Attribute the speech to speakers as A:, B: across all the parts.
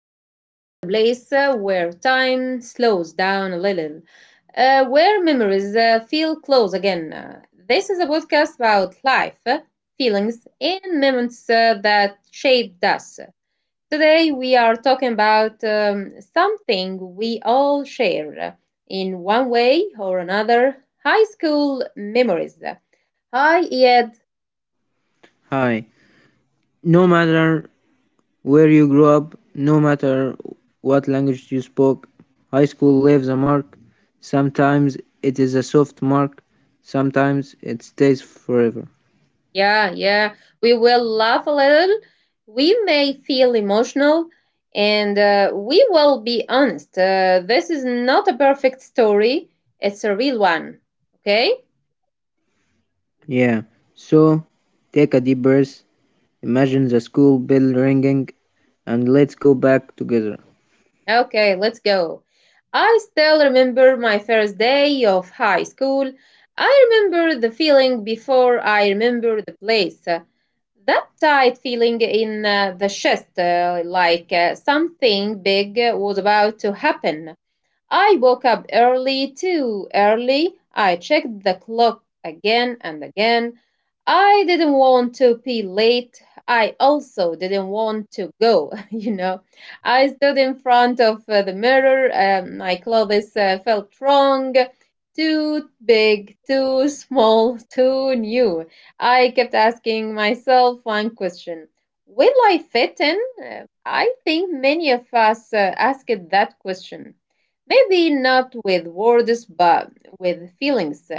A: Welcome to the place where time slows down a little, where memories feel close again. This is a podcast about life, feelings, and moments that shaped us. Today, we are talking about something we all share in one way or another high school memories. Hi, Ed.
B: Hi. No matter where you grew up, no matter what language you spoke, high school leaves a mark. Sometimes it is a soft mark, sometimes it stays forever.
A: Yeah, yeah. We will laugh a little. We may feel emotional and we will be honest. This is not a perfect story, it's a real one. Okay?
B: Yeah. So, take a deep breath, imagine the school bell ringing, and let's go back together.
A: Okay, let's go. I still remember my first day of high school. I remember the feeling before I remember the place. That tight feeling in the chest, like something big was about to happen. I woke up early, too early. I checked the clock again and again. I didn't want to be late. I also didn't want to go, I stood in front of the mirror. My clothes felt wrong. Too big, too small, too new. I kept asking myself one question. Will I fit in? I think many of us asked that question. Maybe not with words, but with feelings.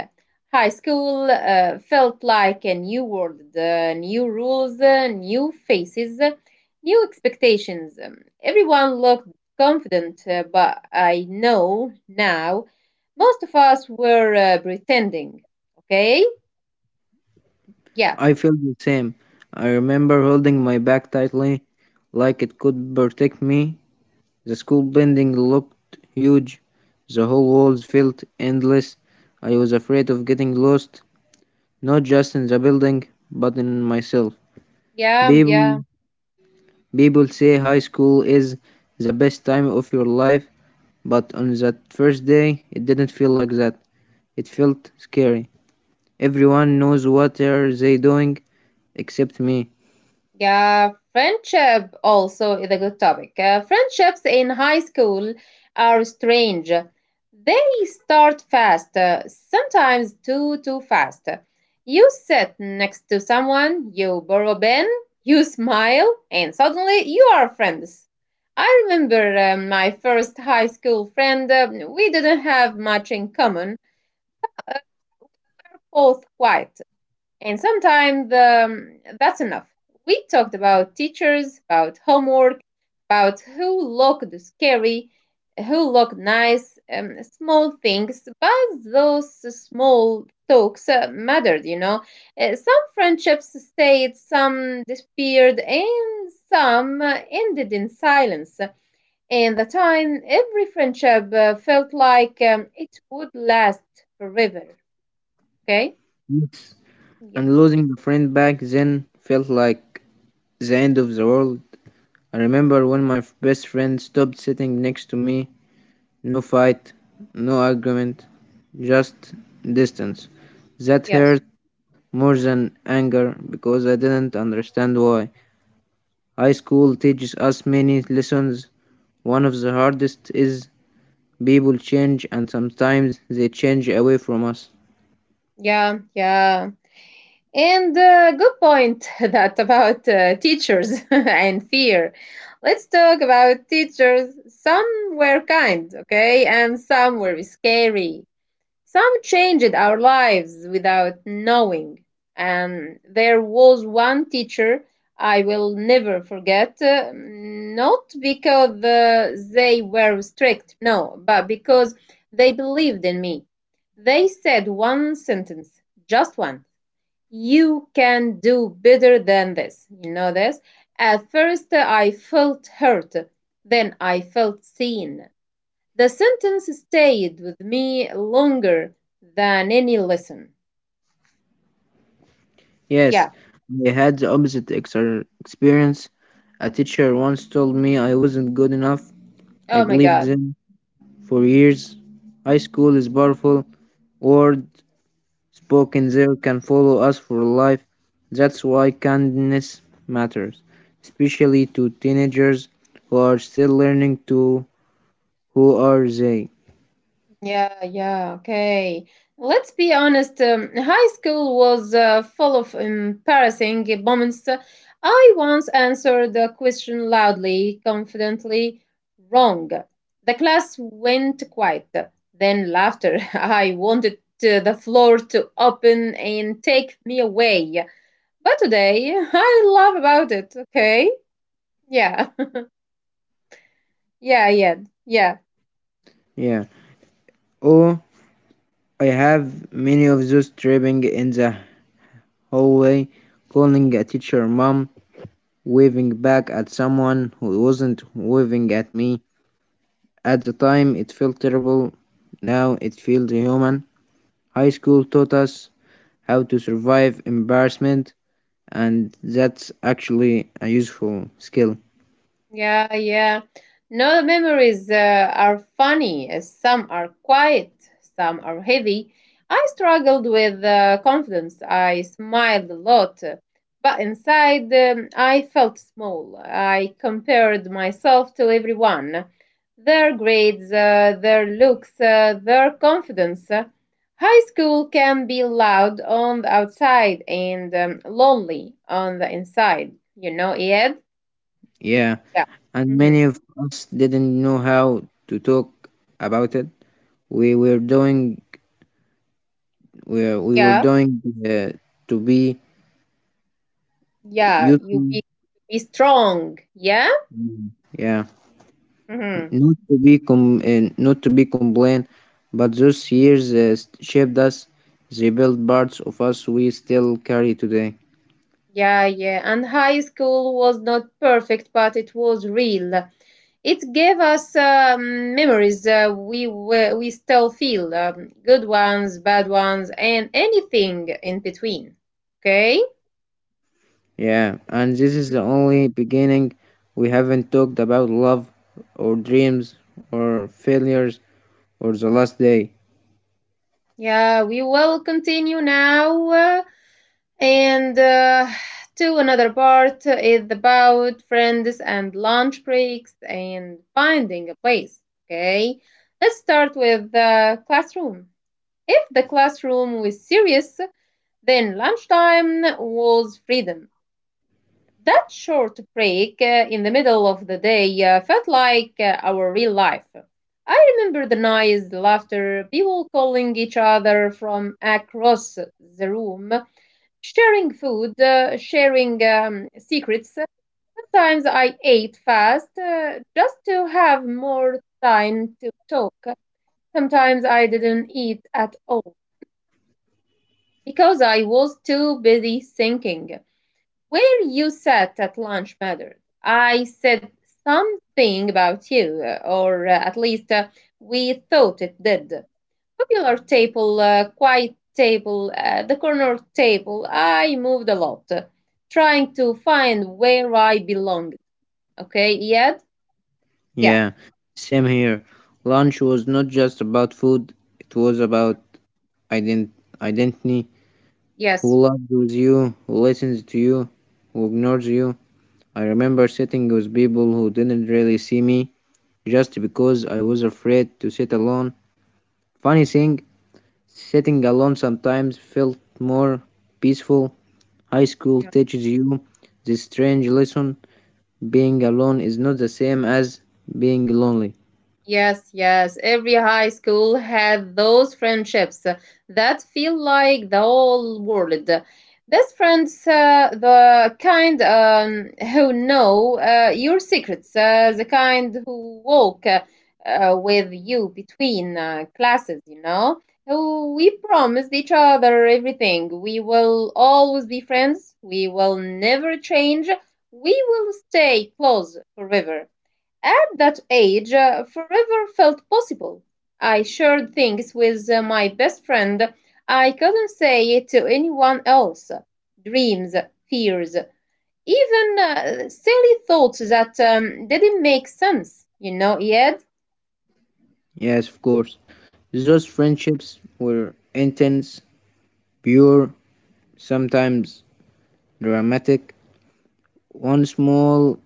A: High school felt like a new world, new rules, new faces, new expectations. Everyone looked confident, but I know now most of us were pretending. Okay? Yeah,
B: I feel the same. I remember holding my back tightly, like it could protect me. The school building looked huge. The whole walls felt endless. I was afraid of getting lost, not just in the building, but in myself.
A: yeah,
B: People,
A: yeah.
B: people say high school is the best time of your life, but on that first day, it didn't feel like that. It felt scary. Everyone knows what are they doing except me.
A: Yeah, friendship also is a good topic. Friendships in high school are strange. They start fast, sometimes too fast. You sit next to someone, you borrow a pen, you smile, and suddenly you are friends. I remember my first high school friend. We didn't have much in common, both quiet. And sometimes that's enough. We talked about teachers, about homework, about who looked scary, who looked nice, small things, but those small talks mattered, you know. Some friendships stayed, some disappeared, and some ended in silence. And the time, every friendship felt like it would last forever. Okay? Yeah.
B: And losing a friend back then felt like the end of the world. I remember when my best friend stopped sitting next to me. No fight, no argument, just distance. That
A: Yes.
B: hurt more than anger because I didn't understand why. High school teaches us many lessons. One of the hardest is people change and sometimes they change away from us.
A: Yeah, yeah. And good point that about teachers and fear. Let's talk about teachers. Some were kind, okay, and some were scary. Some changed our lives without knowing. And there was one teacher I will never forget, not because they were strict, no, but because they believed in me. They said one sentence, just one. You can do better than this. You know this? At first, I felt hurt. Then I felt seen. The sentence stayed with me longer than any lesson.
B: Yes,
A: Yeah.
B: I had the opposite experience. A teacher once told me I wasn't good enough. I
A: Oh my
B: believed
A: God.
B: them. For years, high school is powerful. Words spoken there can follow us for life. That's why kindness matters, especially to teenagers who are still learning to who are they.
A: Yeah, yeah, okay. Let's be honest. High school was full of embarrassing moments. I once answered a question loudly, confidently, wrong. The class went quiet, then laughter. I wanted the floor to open and take me away. But today, I laugh about it, okay? Yeah. Yeah, yeah. Yeah.
B: Yeah. Oh, I have many of those tripping in the hallway, calling a teacher mom, waving back at someone who wasn't waving at me. At the time, it felt terrible. Now it feels human. High school taught us how to survive embarrassment, and that's actually a useful skill.
A: Yeah, yeah. No memories are funny. Some are quiet, some are heavy. I struggled with confidence. I smiled a lot, but inside I felt small. I compared myself to everyone their grades, their looks, their confidence. High school can be loud on the outside and lonely on the inside. You know, Ed?
B: Yeah,
A: Yeah.
B: and
A: Mhm.
B: many of us didn't know how to talk about it. We were doing we were
A: Yeah,
B: doing to be
A: yeah, you
B: useful.
A: be strong. Yeah?
B: Yeah,
A: Hmm.
B: not to be com not to be complained, but those years shaped us. They built parts of us we still carry today.
A: Yeah, yeah. And high school was not perfect, but it was real. It gave us memories we still feel good ones, bad ones, and anything in between. Okay?
B: Yeah, and this is the only beginning. We haven't talked about love or dreams or failures or the last day.
A: Yeah, we will continue now. And to another part is about friends and lunch breaks and finding a place. Okay, let's start with the classroom. If the classroom was serious, then lunchtime was freedom. That short break in the middle of the day felt like our real life. I remember the noise, the laughter, people calling each other from across the room. Sharing food, sharing secrets. Sometimes I ate fast just to have more time to talk. Sometimes I didn't eat at all because I was too busy thinking. Where you sat at lunch mattered. I said something about you, or at least we thought it did popular table, quiet table, the corner table, I moved a lot, trying to find where I belonged. Okay, Iyad? Yeah,
B: Yeah, same here. Lunch was not just about food, it was about ident- identity.
A: yes.
B: Who loves with you, who listens to you, who ignores you. I remember sitting with people who didn't really see me just because I was afraid to sit alone. Funny thing, sitting alone sometimes felt more peaceful. High school teaches you this strange lesson being alone is not the same as being lonely.
A: Yes, yes. Every high school had those friendships that feel like the whole world. Best friends, the kind who know your secrets, the kind who walk with you between classes, you know. Who we promised each other everything. We will always be friends. We will never change. We will stay close forever. At that age, forever felt possible. I shared things with my best friend I couldn't say it to anyone else. Dreams, fears, even silly thoughts that didn't make sense, you know, Ed?
B: Yes, of course. Those friendships were intense, pure, sometimes dramatic. One small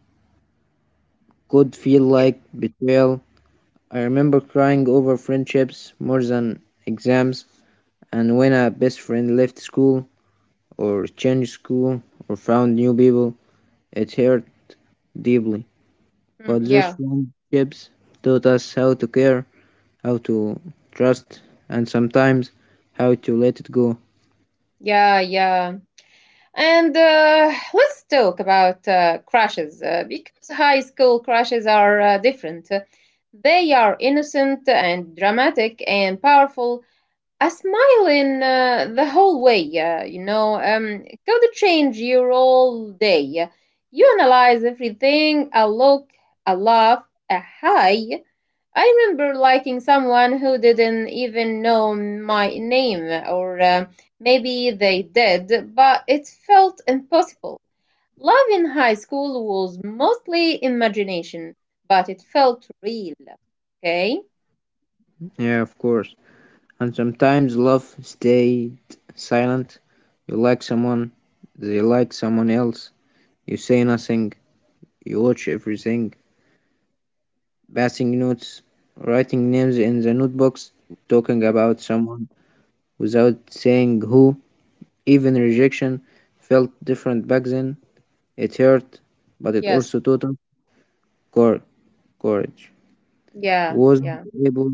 B: could feel
A: Yeah.
B: like betrayal. I remember crying over friendships more than exams, and when a best friend left school, or changed school, or found new people, it hurt deeply.
A: Mm,
B: But those
A: yeah,
B: friendships taught us how to care, how to trust, and sometimes how to let it go.
A: yeah, yeah. And let's talk about crushes because high school crushes are different. They are innocent and dramatic and powerful. A smile in the whole way, you know, could change your whole day. You analyze everything a look, a laugh, a hi. I remember liking someone who didn't even know my name, or maybe they did, but it felt impossible. Love in high school was mostly imagination, but it felt real. Okay?
B: Yeah, of course. And sometimes love stayed silent. You like someone, they like someone else. You say nothing, you watch everything. Passing notes, writing names in the notebooks, talking
A: Mhm.
B: about someone without saying who. Even rejection felt different back then. It hurt, but it
A: Yes.
B: also taught us core courage
A: Yeah,
B: wasn't
A: yeah.
B: able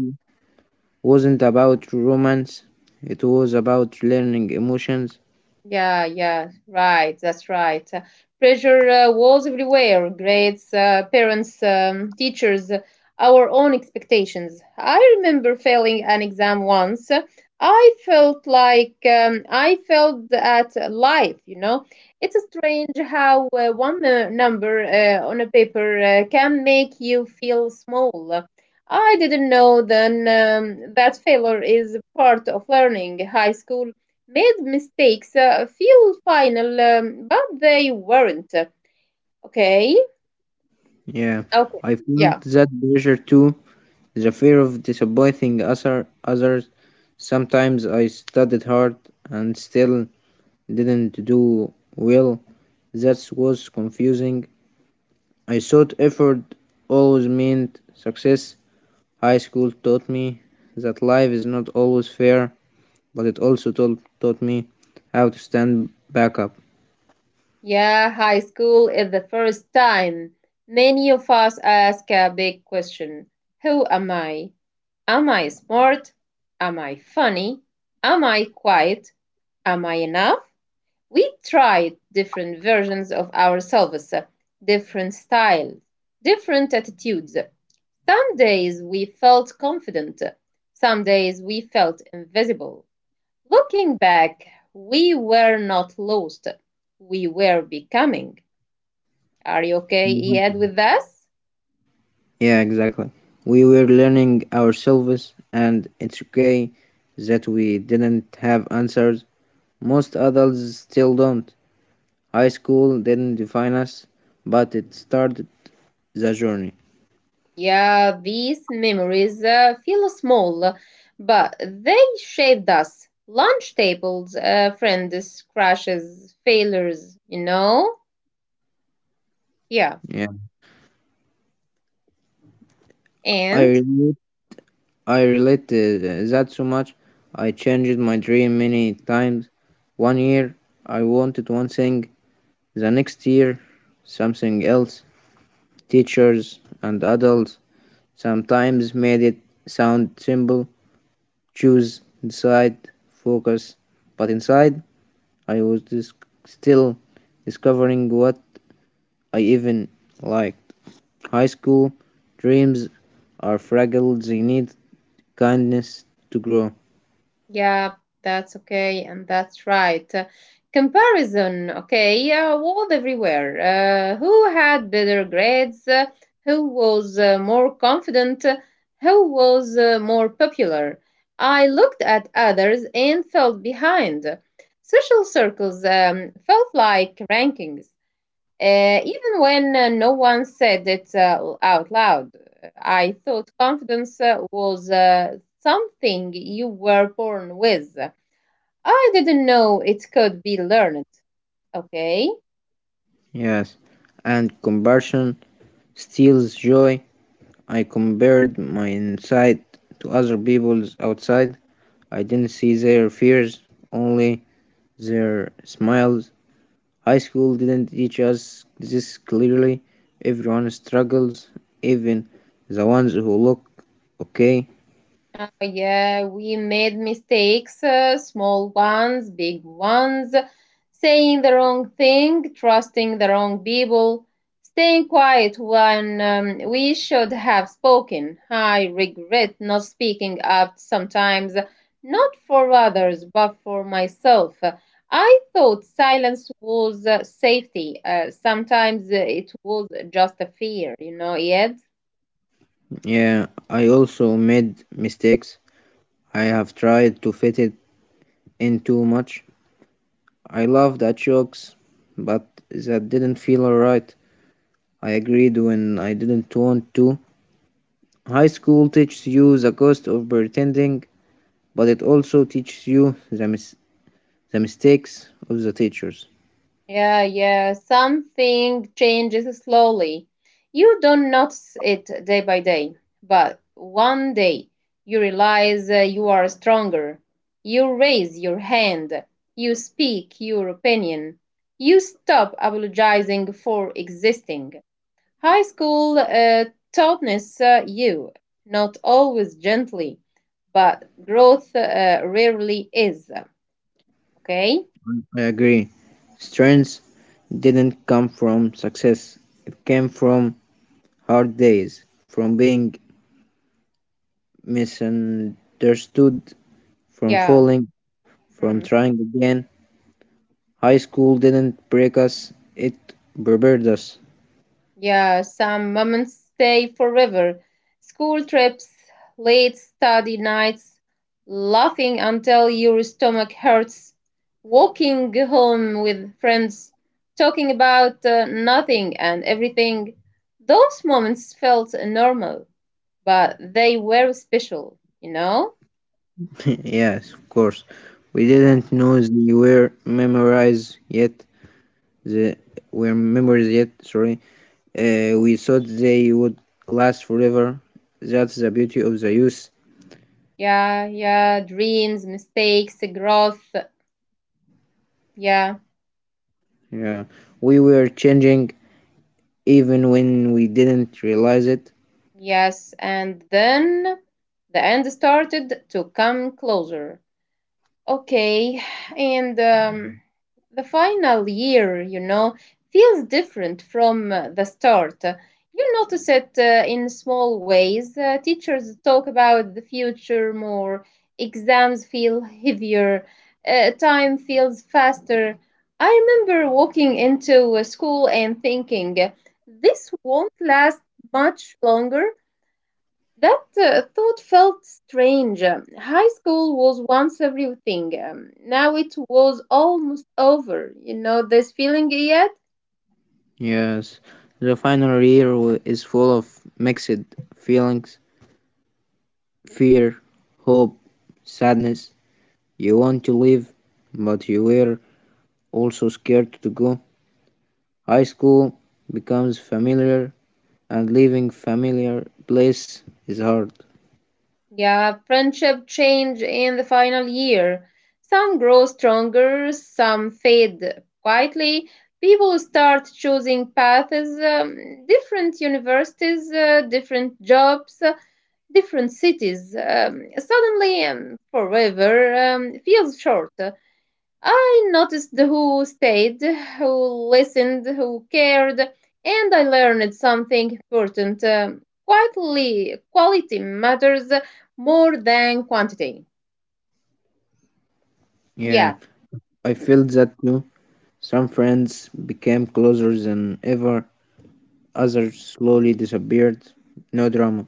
B: wasn't about romance, it was about learning emotions.
A: Yeah, yeah, right. That's right. Pressure was everywhere. Grades, parents, teachers, our own expectations. I remember failing an exam once. I felt like I felt at life. You know, it's strange how one number on a paper can make you feel small. I didn't know then that failure is part of learning. High school made mistakes feel final, but they weren't. Okay?
B: Yeah,
A: Okay.
B: I felt
A: Yeah.
B: that pressure too, the fear of disappointing other others. Sometimes I studied hard and still didn't do well. That was confusing. I thought effort always meant success. High school taught me that life is not always fair, but it also told, taught me how to stand back up.
A: Yeah, high school is the first time many of us ask a big question. Who am I? Am I smart? Am I funny? Am I quiet? Am I enough? We tried different versions of ourselves, different styles, different attitudes. Some days we felt confident, some days we felt invisible. Looking back, we were not lost, we were becoming. Are you okay, Ed, with us?
B: Yeah, exactly. We were learning ourselves, and it's okay that we didn't have answers. Most adults still don't. High school didn't define us, but it started the journey.
A: Yeah, these memories feel small, but they shaped us. Lunch tables, friends, crashes, failures, you know? Yeah.
B: Yeah, I
A: And
B: relate. I relate that so much. I changed my dream many times. One year I wanted one thing, the next year something else. Teachers and adults sometimes made it sound simple, choose inside focus, but inside I was just still discovering what I even liked. High school dreams are fragile, they need kindness to grow.
A: yeah, that's okay, and that's right. Comparison, okay, world everywhere. Who had better grades? Who was more confident? Who was more popular? I looked at others and felt behind. Social circles felt like rankings. Even when no one said it out loud, I thought confidence was something you were born with. I didn't know it could be learned. Okay.
B: Yes, and comparison steals joy. I compared my inside to other people's outside. I didn't see their fears, only their smiles. High school didn't teach us this clearly. Everyone struggles, even the ones who look okay.
A: Yeah, we made mistakes, small ones, big ones, saying the wrong thing, trusting the wrong people, staying quiet when we should have spoken. I regret not speaking up sometimes, not for others, but for myself. I thought silence was safety. Sometimes it was just a fear, you know, yet.
B: Yeah, I also made mistakes. I have tried to fit it in too much. I loved at jokes, but that didn't feel alright. I agreed when I didn't want to. High school teaches you the cost of pretending, but it also teaches you the mistakes of the teachers.
A: Yeah, yeah. Something changes slowly. You don't notice it day by day, but one day you realize you are stronger. You raise your hand. You speak your opinion. You stop apologizing for existing. High school toughness you, not always gently, but growth rarely is. Okay?
B: I agree. Strength didn't come from success, it came from hard days, from being misunderstood, from
A: Yeah.
B: falling, from
A: Hmm.
B: trying again. High school didn't break us, it prepared us.
A: Yeah, some moments stay forever. School trips, late study nights, laughing until your stomach hurts, walking home with friends, talking about nothing and everything. Those moments felt normal, but they were special, you know?
B: yes, of course. We
A: Yeah.
B: didn't know they were memorized yet. The were memories yet. Sorry. We thought they would last forever. That's the beauty of the youth.
A: Yeah, yeah, dreams, mistakes, growth. Yeah.
B: Yeah, we were changing even when we didn't realize it.
A: Yes, and then the end started to come closer. Okay, and the final year, you know, feels different from the start. You notice it in small ways. Teachers talk about the future more, exams feel heavier, time feels faster. I remember walking into a school and thinking, this won't last much longer that thought felt strange. High school was once everything. Now it was almost over. You know this feeling yet?
B: Yes, the final year is full of mixed feelings, fear, hope, sadness. You want to leave, but you were also scared to go. High school becomes familiar, and leaving familiar place is hard.
A: Yeah, friendship change in the final year. Some grow stronger, some fade quietly. People start choosing paths, different universities, different jobs, different cities. Suddenly, forever feels short. I noticed who stayed, who listened, who cared, and I learned something important. Quietly, quality matters more than quantity.
B: Yeah,
A: Yeah,
B: I
A: Mm,
B: felt that too. Some friends became closer than ever. Others slowly disappeared. No drama,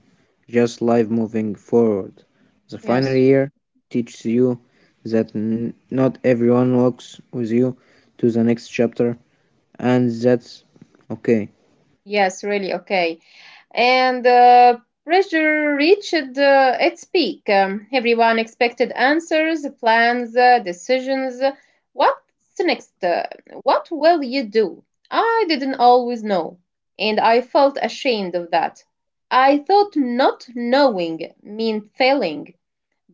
B: just life moving forward. The final
A: yes,
B: year teaches you that not everyone walks with you to the next chapter, and that's okay.
A: yes, really, okay. and pressure reached its peak. Everyone expected answers, plans, decisions. What's next? What will you do? I didn't always know, and I felt ashamed of that. I thought not knowing meant failing,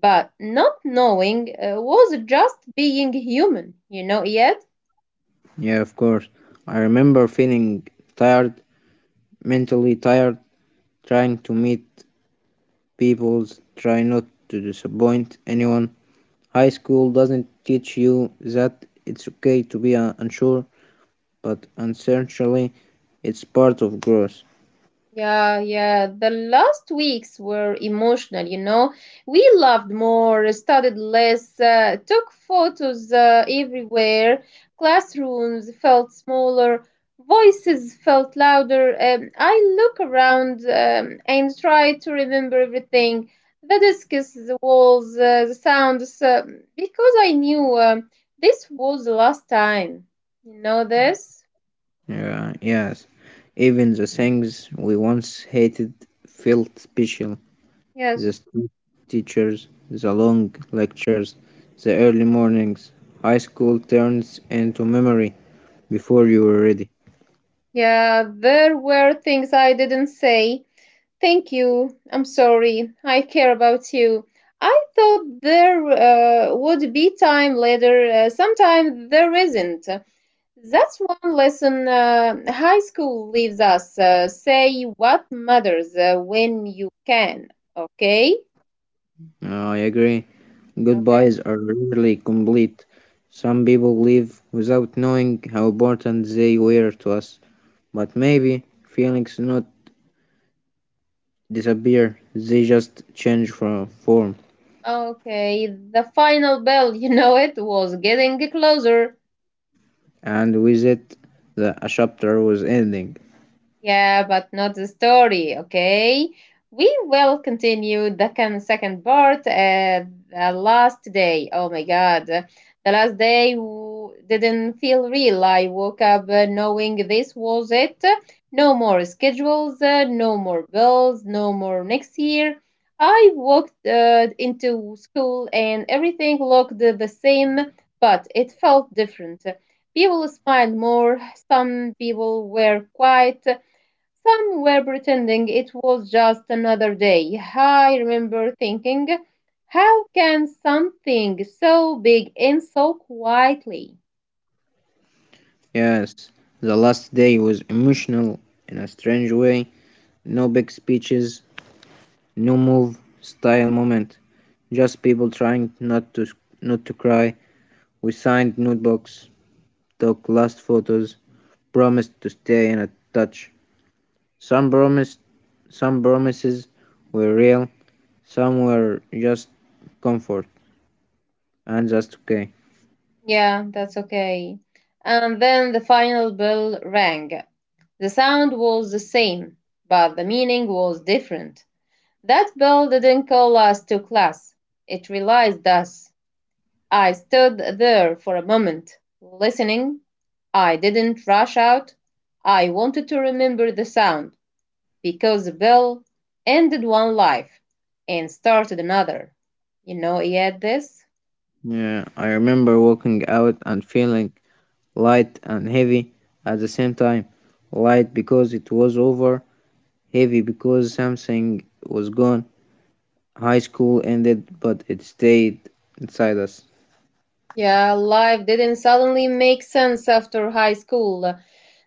A: but not knowing was just being human, you know, yet.
B: Yeah, of course. I remember feeling tired, mentally tired, trying to meet people, try not to disappoint anyone. High school doesn't teach you that it's okay to be unsure, but essentially it's part of growth.
A: Yeah, yeah. The last weeks were emotional, you know. We loved more, studied less, took photos everywhere. Classrooms felt smaller, voices felt louder. I look around and try to remember everything, the discs, the walls, the sounds, because I knew this was the last time. You know this?
B: Yeah, yes. Even the things we once hated felt special. The
A: Yes.
B: strict teachers, the long lectures, the early mornings. High school turns into memory before you were ready.
A: Yeah, there were things I didn't say. Thank you. I'm sorry. I care about you. I thought there would be time later. Sometimes there isn't. That's one lesson high school leaves us. Say what matters when you can. Okay?
B: No, I agree.
A: Okay.
B: Goodbyes are rarely complete. Some people leave without knowing how important they were to us. But maybe feelings not disappear. They just change from form,
A: Okay. The final bell, you know it, was getting closer.
B: and with it, the a chapter was ending.
A: Yeah, but not the story, okay? We will continue the second part at the last day. Oh my god. The last day didn't feel real. I woke up knowing this was it. No more schedules, no more bills, no more next year. I walked into school and everything looked the same, but it felt different. People smiled more, some people were quiet, some were pretending it was just another day. I remember thinking, how can something so big end so quietly?
B: Yes, the last day was emotional in a strange way. No big speeches, no move, style moment. Just people trying not to cry. We signed notebooks, took last photos, promised to stay in a touch. Some promised, some promises were real, some were just comfort, and that's okay.
A: Yeah, that's okay. And then the final bell rang. The sound was the same, but the meaning was different. That bell didn't call us to class, it realized us. I stood there for a moment, listening. I didn't rush out. I wanted to remember the sound because the bell ended one life and started another. You know, he had this?
B: Yeah, I remember walking out and feeling light and heavy at the same time. Light because it was over, heavy because something was gone. High school ended, but it stayed inside us.
A: Yeah, life didn't suddenly make sense after high school.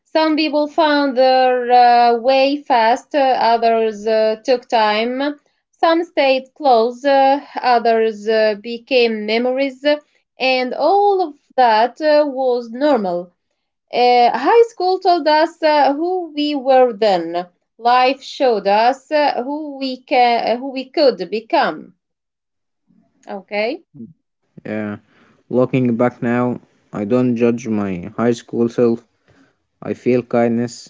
A: Some people found their way fast, others took time. Some stayed close, others became memories, and all of that was normal. High school told us who we were then. Life showed us who we could become. Okay?
B: Yeah, looking back now, I don't judge my high school self. I feel kindness.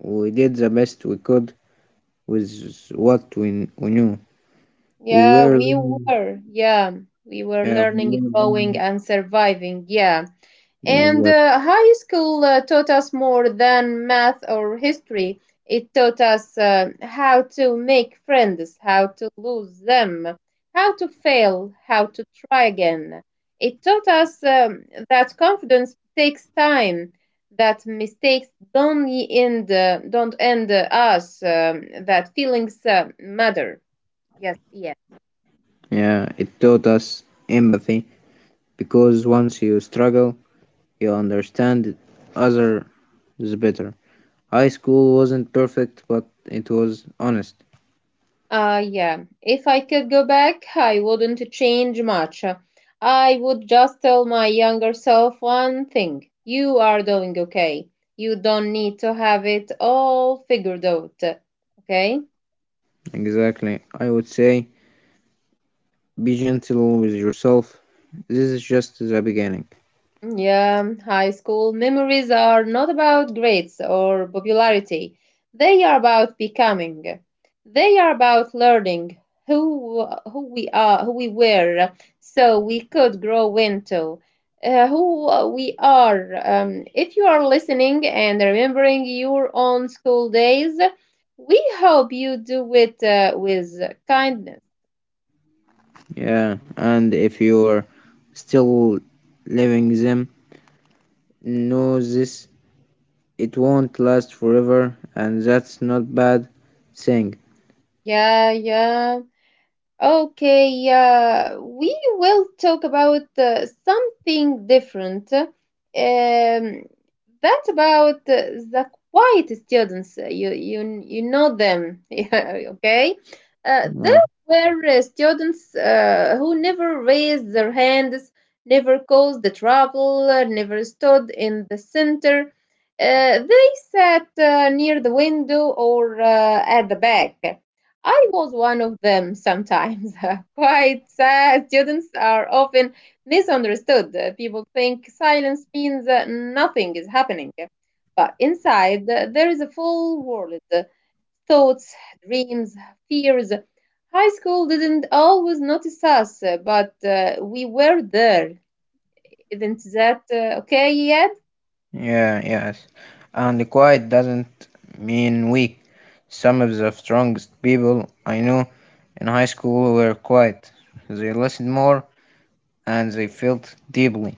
B: We did the best we could with what we knew. We
A: Yeah,
B: were
A: we
B: learning.
A: were. Yeah, we were
B: Yeah, we were
A: learning, growing,
B: learning.
A: and surviving. Yeah.
B: Yeah,
A: And high school taught us more than math or history. It taught us how to make friends, how to lose them, how to fail, how to try again. It taught us that confidence takes time, that mistakes don't end us, that feelings matter. Yes, yes.
B: yeah, it taught us empathy because once you struggle, you understand others better. High school wasn't perfect, but it was honest.
A: Yeah. If I could go back, I wouldn't change much. I would just tell my younger self one thing. You are doing okay. You don't need to have it all figured out. Okay?
B: Exactly. I would say be gentle with yourself. This is just the beginning.
A: Yeah, high school memories are not about grades or popularity. They are about becoming. They are about learning who we are, who we were, so we could grow into who we are. If you are listening and remembering your own school days, we hope you do it with kindness.
B: Yeah, and if you're still living them, know this, it won't last forever, and that's not bad thing.
A: Yeah, yeah. Okay, we will talk about something different. That about the quiet students. You know them, yeah, okay?
B: Yeah.
A: There were students who never raised their hands, never caused the trouble, never stood in the center. They sat near the window or at the back. I was one of them sometimes. Quite sad. Students are often misunderstood. People think silence means nothing is happening. But inside, there is a full world, thoughts, dreams, fears. High school didn't always notice us, but we were there. Isn't that okay yet?
B: Yeah, yes. And quiet doesn't mean weak. Some of the strongest people I know in high school were quiet. They listened more and they felt deeply.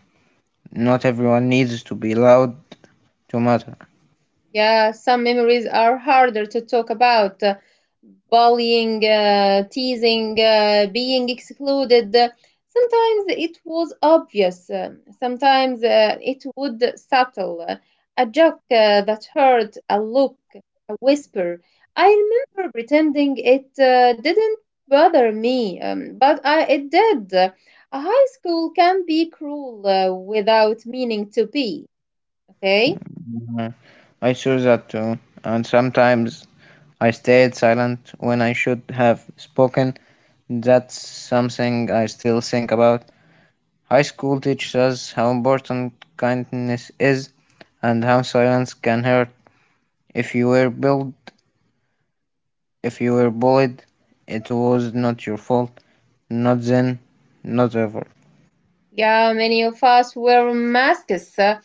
B: Not everyone needs to be loud to matter.
A: Yeah, some memories are harder to talk about. Bullying, teasing, being excluded. Sometimes it was obvious, sometimes it would subtle. A joke that hurt, a look, a whisper. I remember pretending it didn't bother me, but it did. A high school can be cruel without meaning to be, okay?
B: Mhm. I saw that too, and sometimes I stayed silent when I should have spoken. That's something I still think about. High school teaches us how important kindness is and how silence can hurt. If you were bullied, if you were bullied, it was not your fault. Not then, not ever.
A: Yeah, many of us wear masks.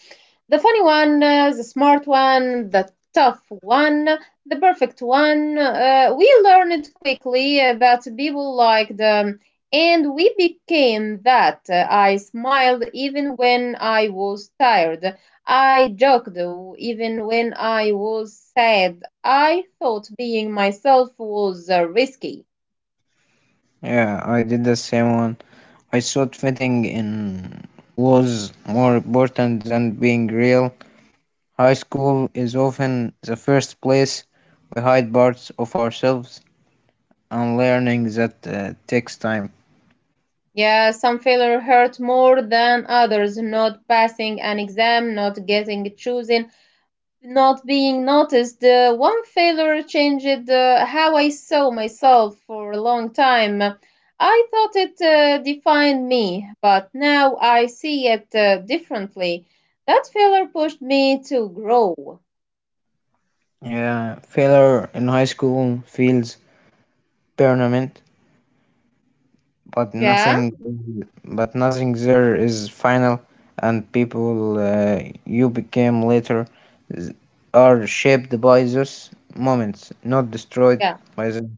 A: The funny one, the smart one, the tough one, the perfect one. We learned quickly that people liked them, and we became that. I smiled even when I was tired. I joked even when I was sad. I thought being myself was risky.
B: Yeah, I did the same one. I thought fitting in was more important than being real. High school is often the first place we hide parts of ourselves, and learning that takes time.
A: Yeah, some failure hurt more than others. Not passing an exam, not getting chosen, not being noticed. One failure changed how I saw myself for a long time. I thought it defined me, but now I see it differently. That failure pushed me to grow.
B: Yeah, failure in high school feels tournament,
A: Yeah,
B: but nothing there is final, and people you became later z- are shaped by those moments, not destroyed
A: yeah.
B: by them.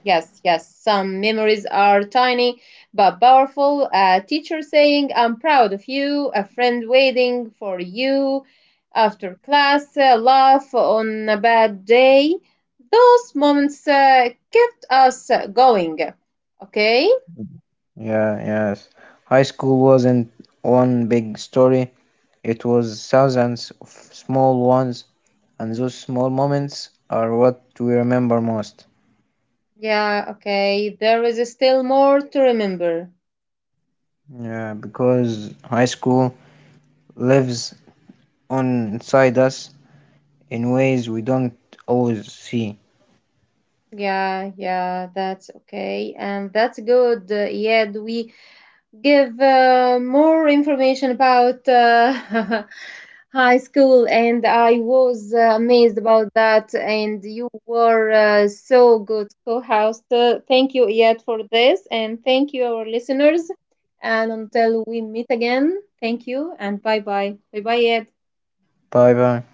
A: Yes, yes. Some memories are tiny but powerful. A teacher saying, I'm proud of you. A friend waiting for you after class. A laugh on a bad day. Those moments kept us going. Okay?
B: Yeah, yes. High school wasn't one big story; it was thousands of small ones, and those small moments are what we remember most.
A: Yeah, okay. There is still more to remember.
B: Yeah, because high school lives on inside us in ways we don't always see.
A: Yeah, yeah, that's okay. And that's good. Yeah, we give more information about high school and I was amazed about that and you were so good co-host. Thank you yet for this and thank you our listeners and until we meet again, thank you and bye bye bye bye yet.
B: Bye bye.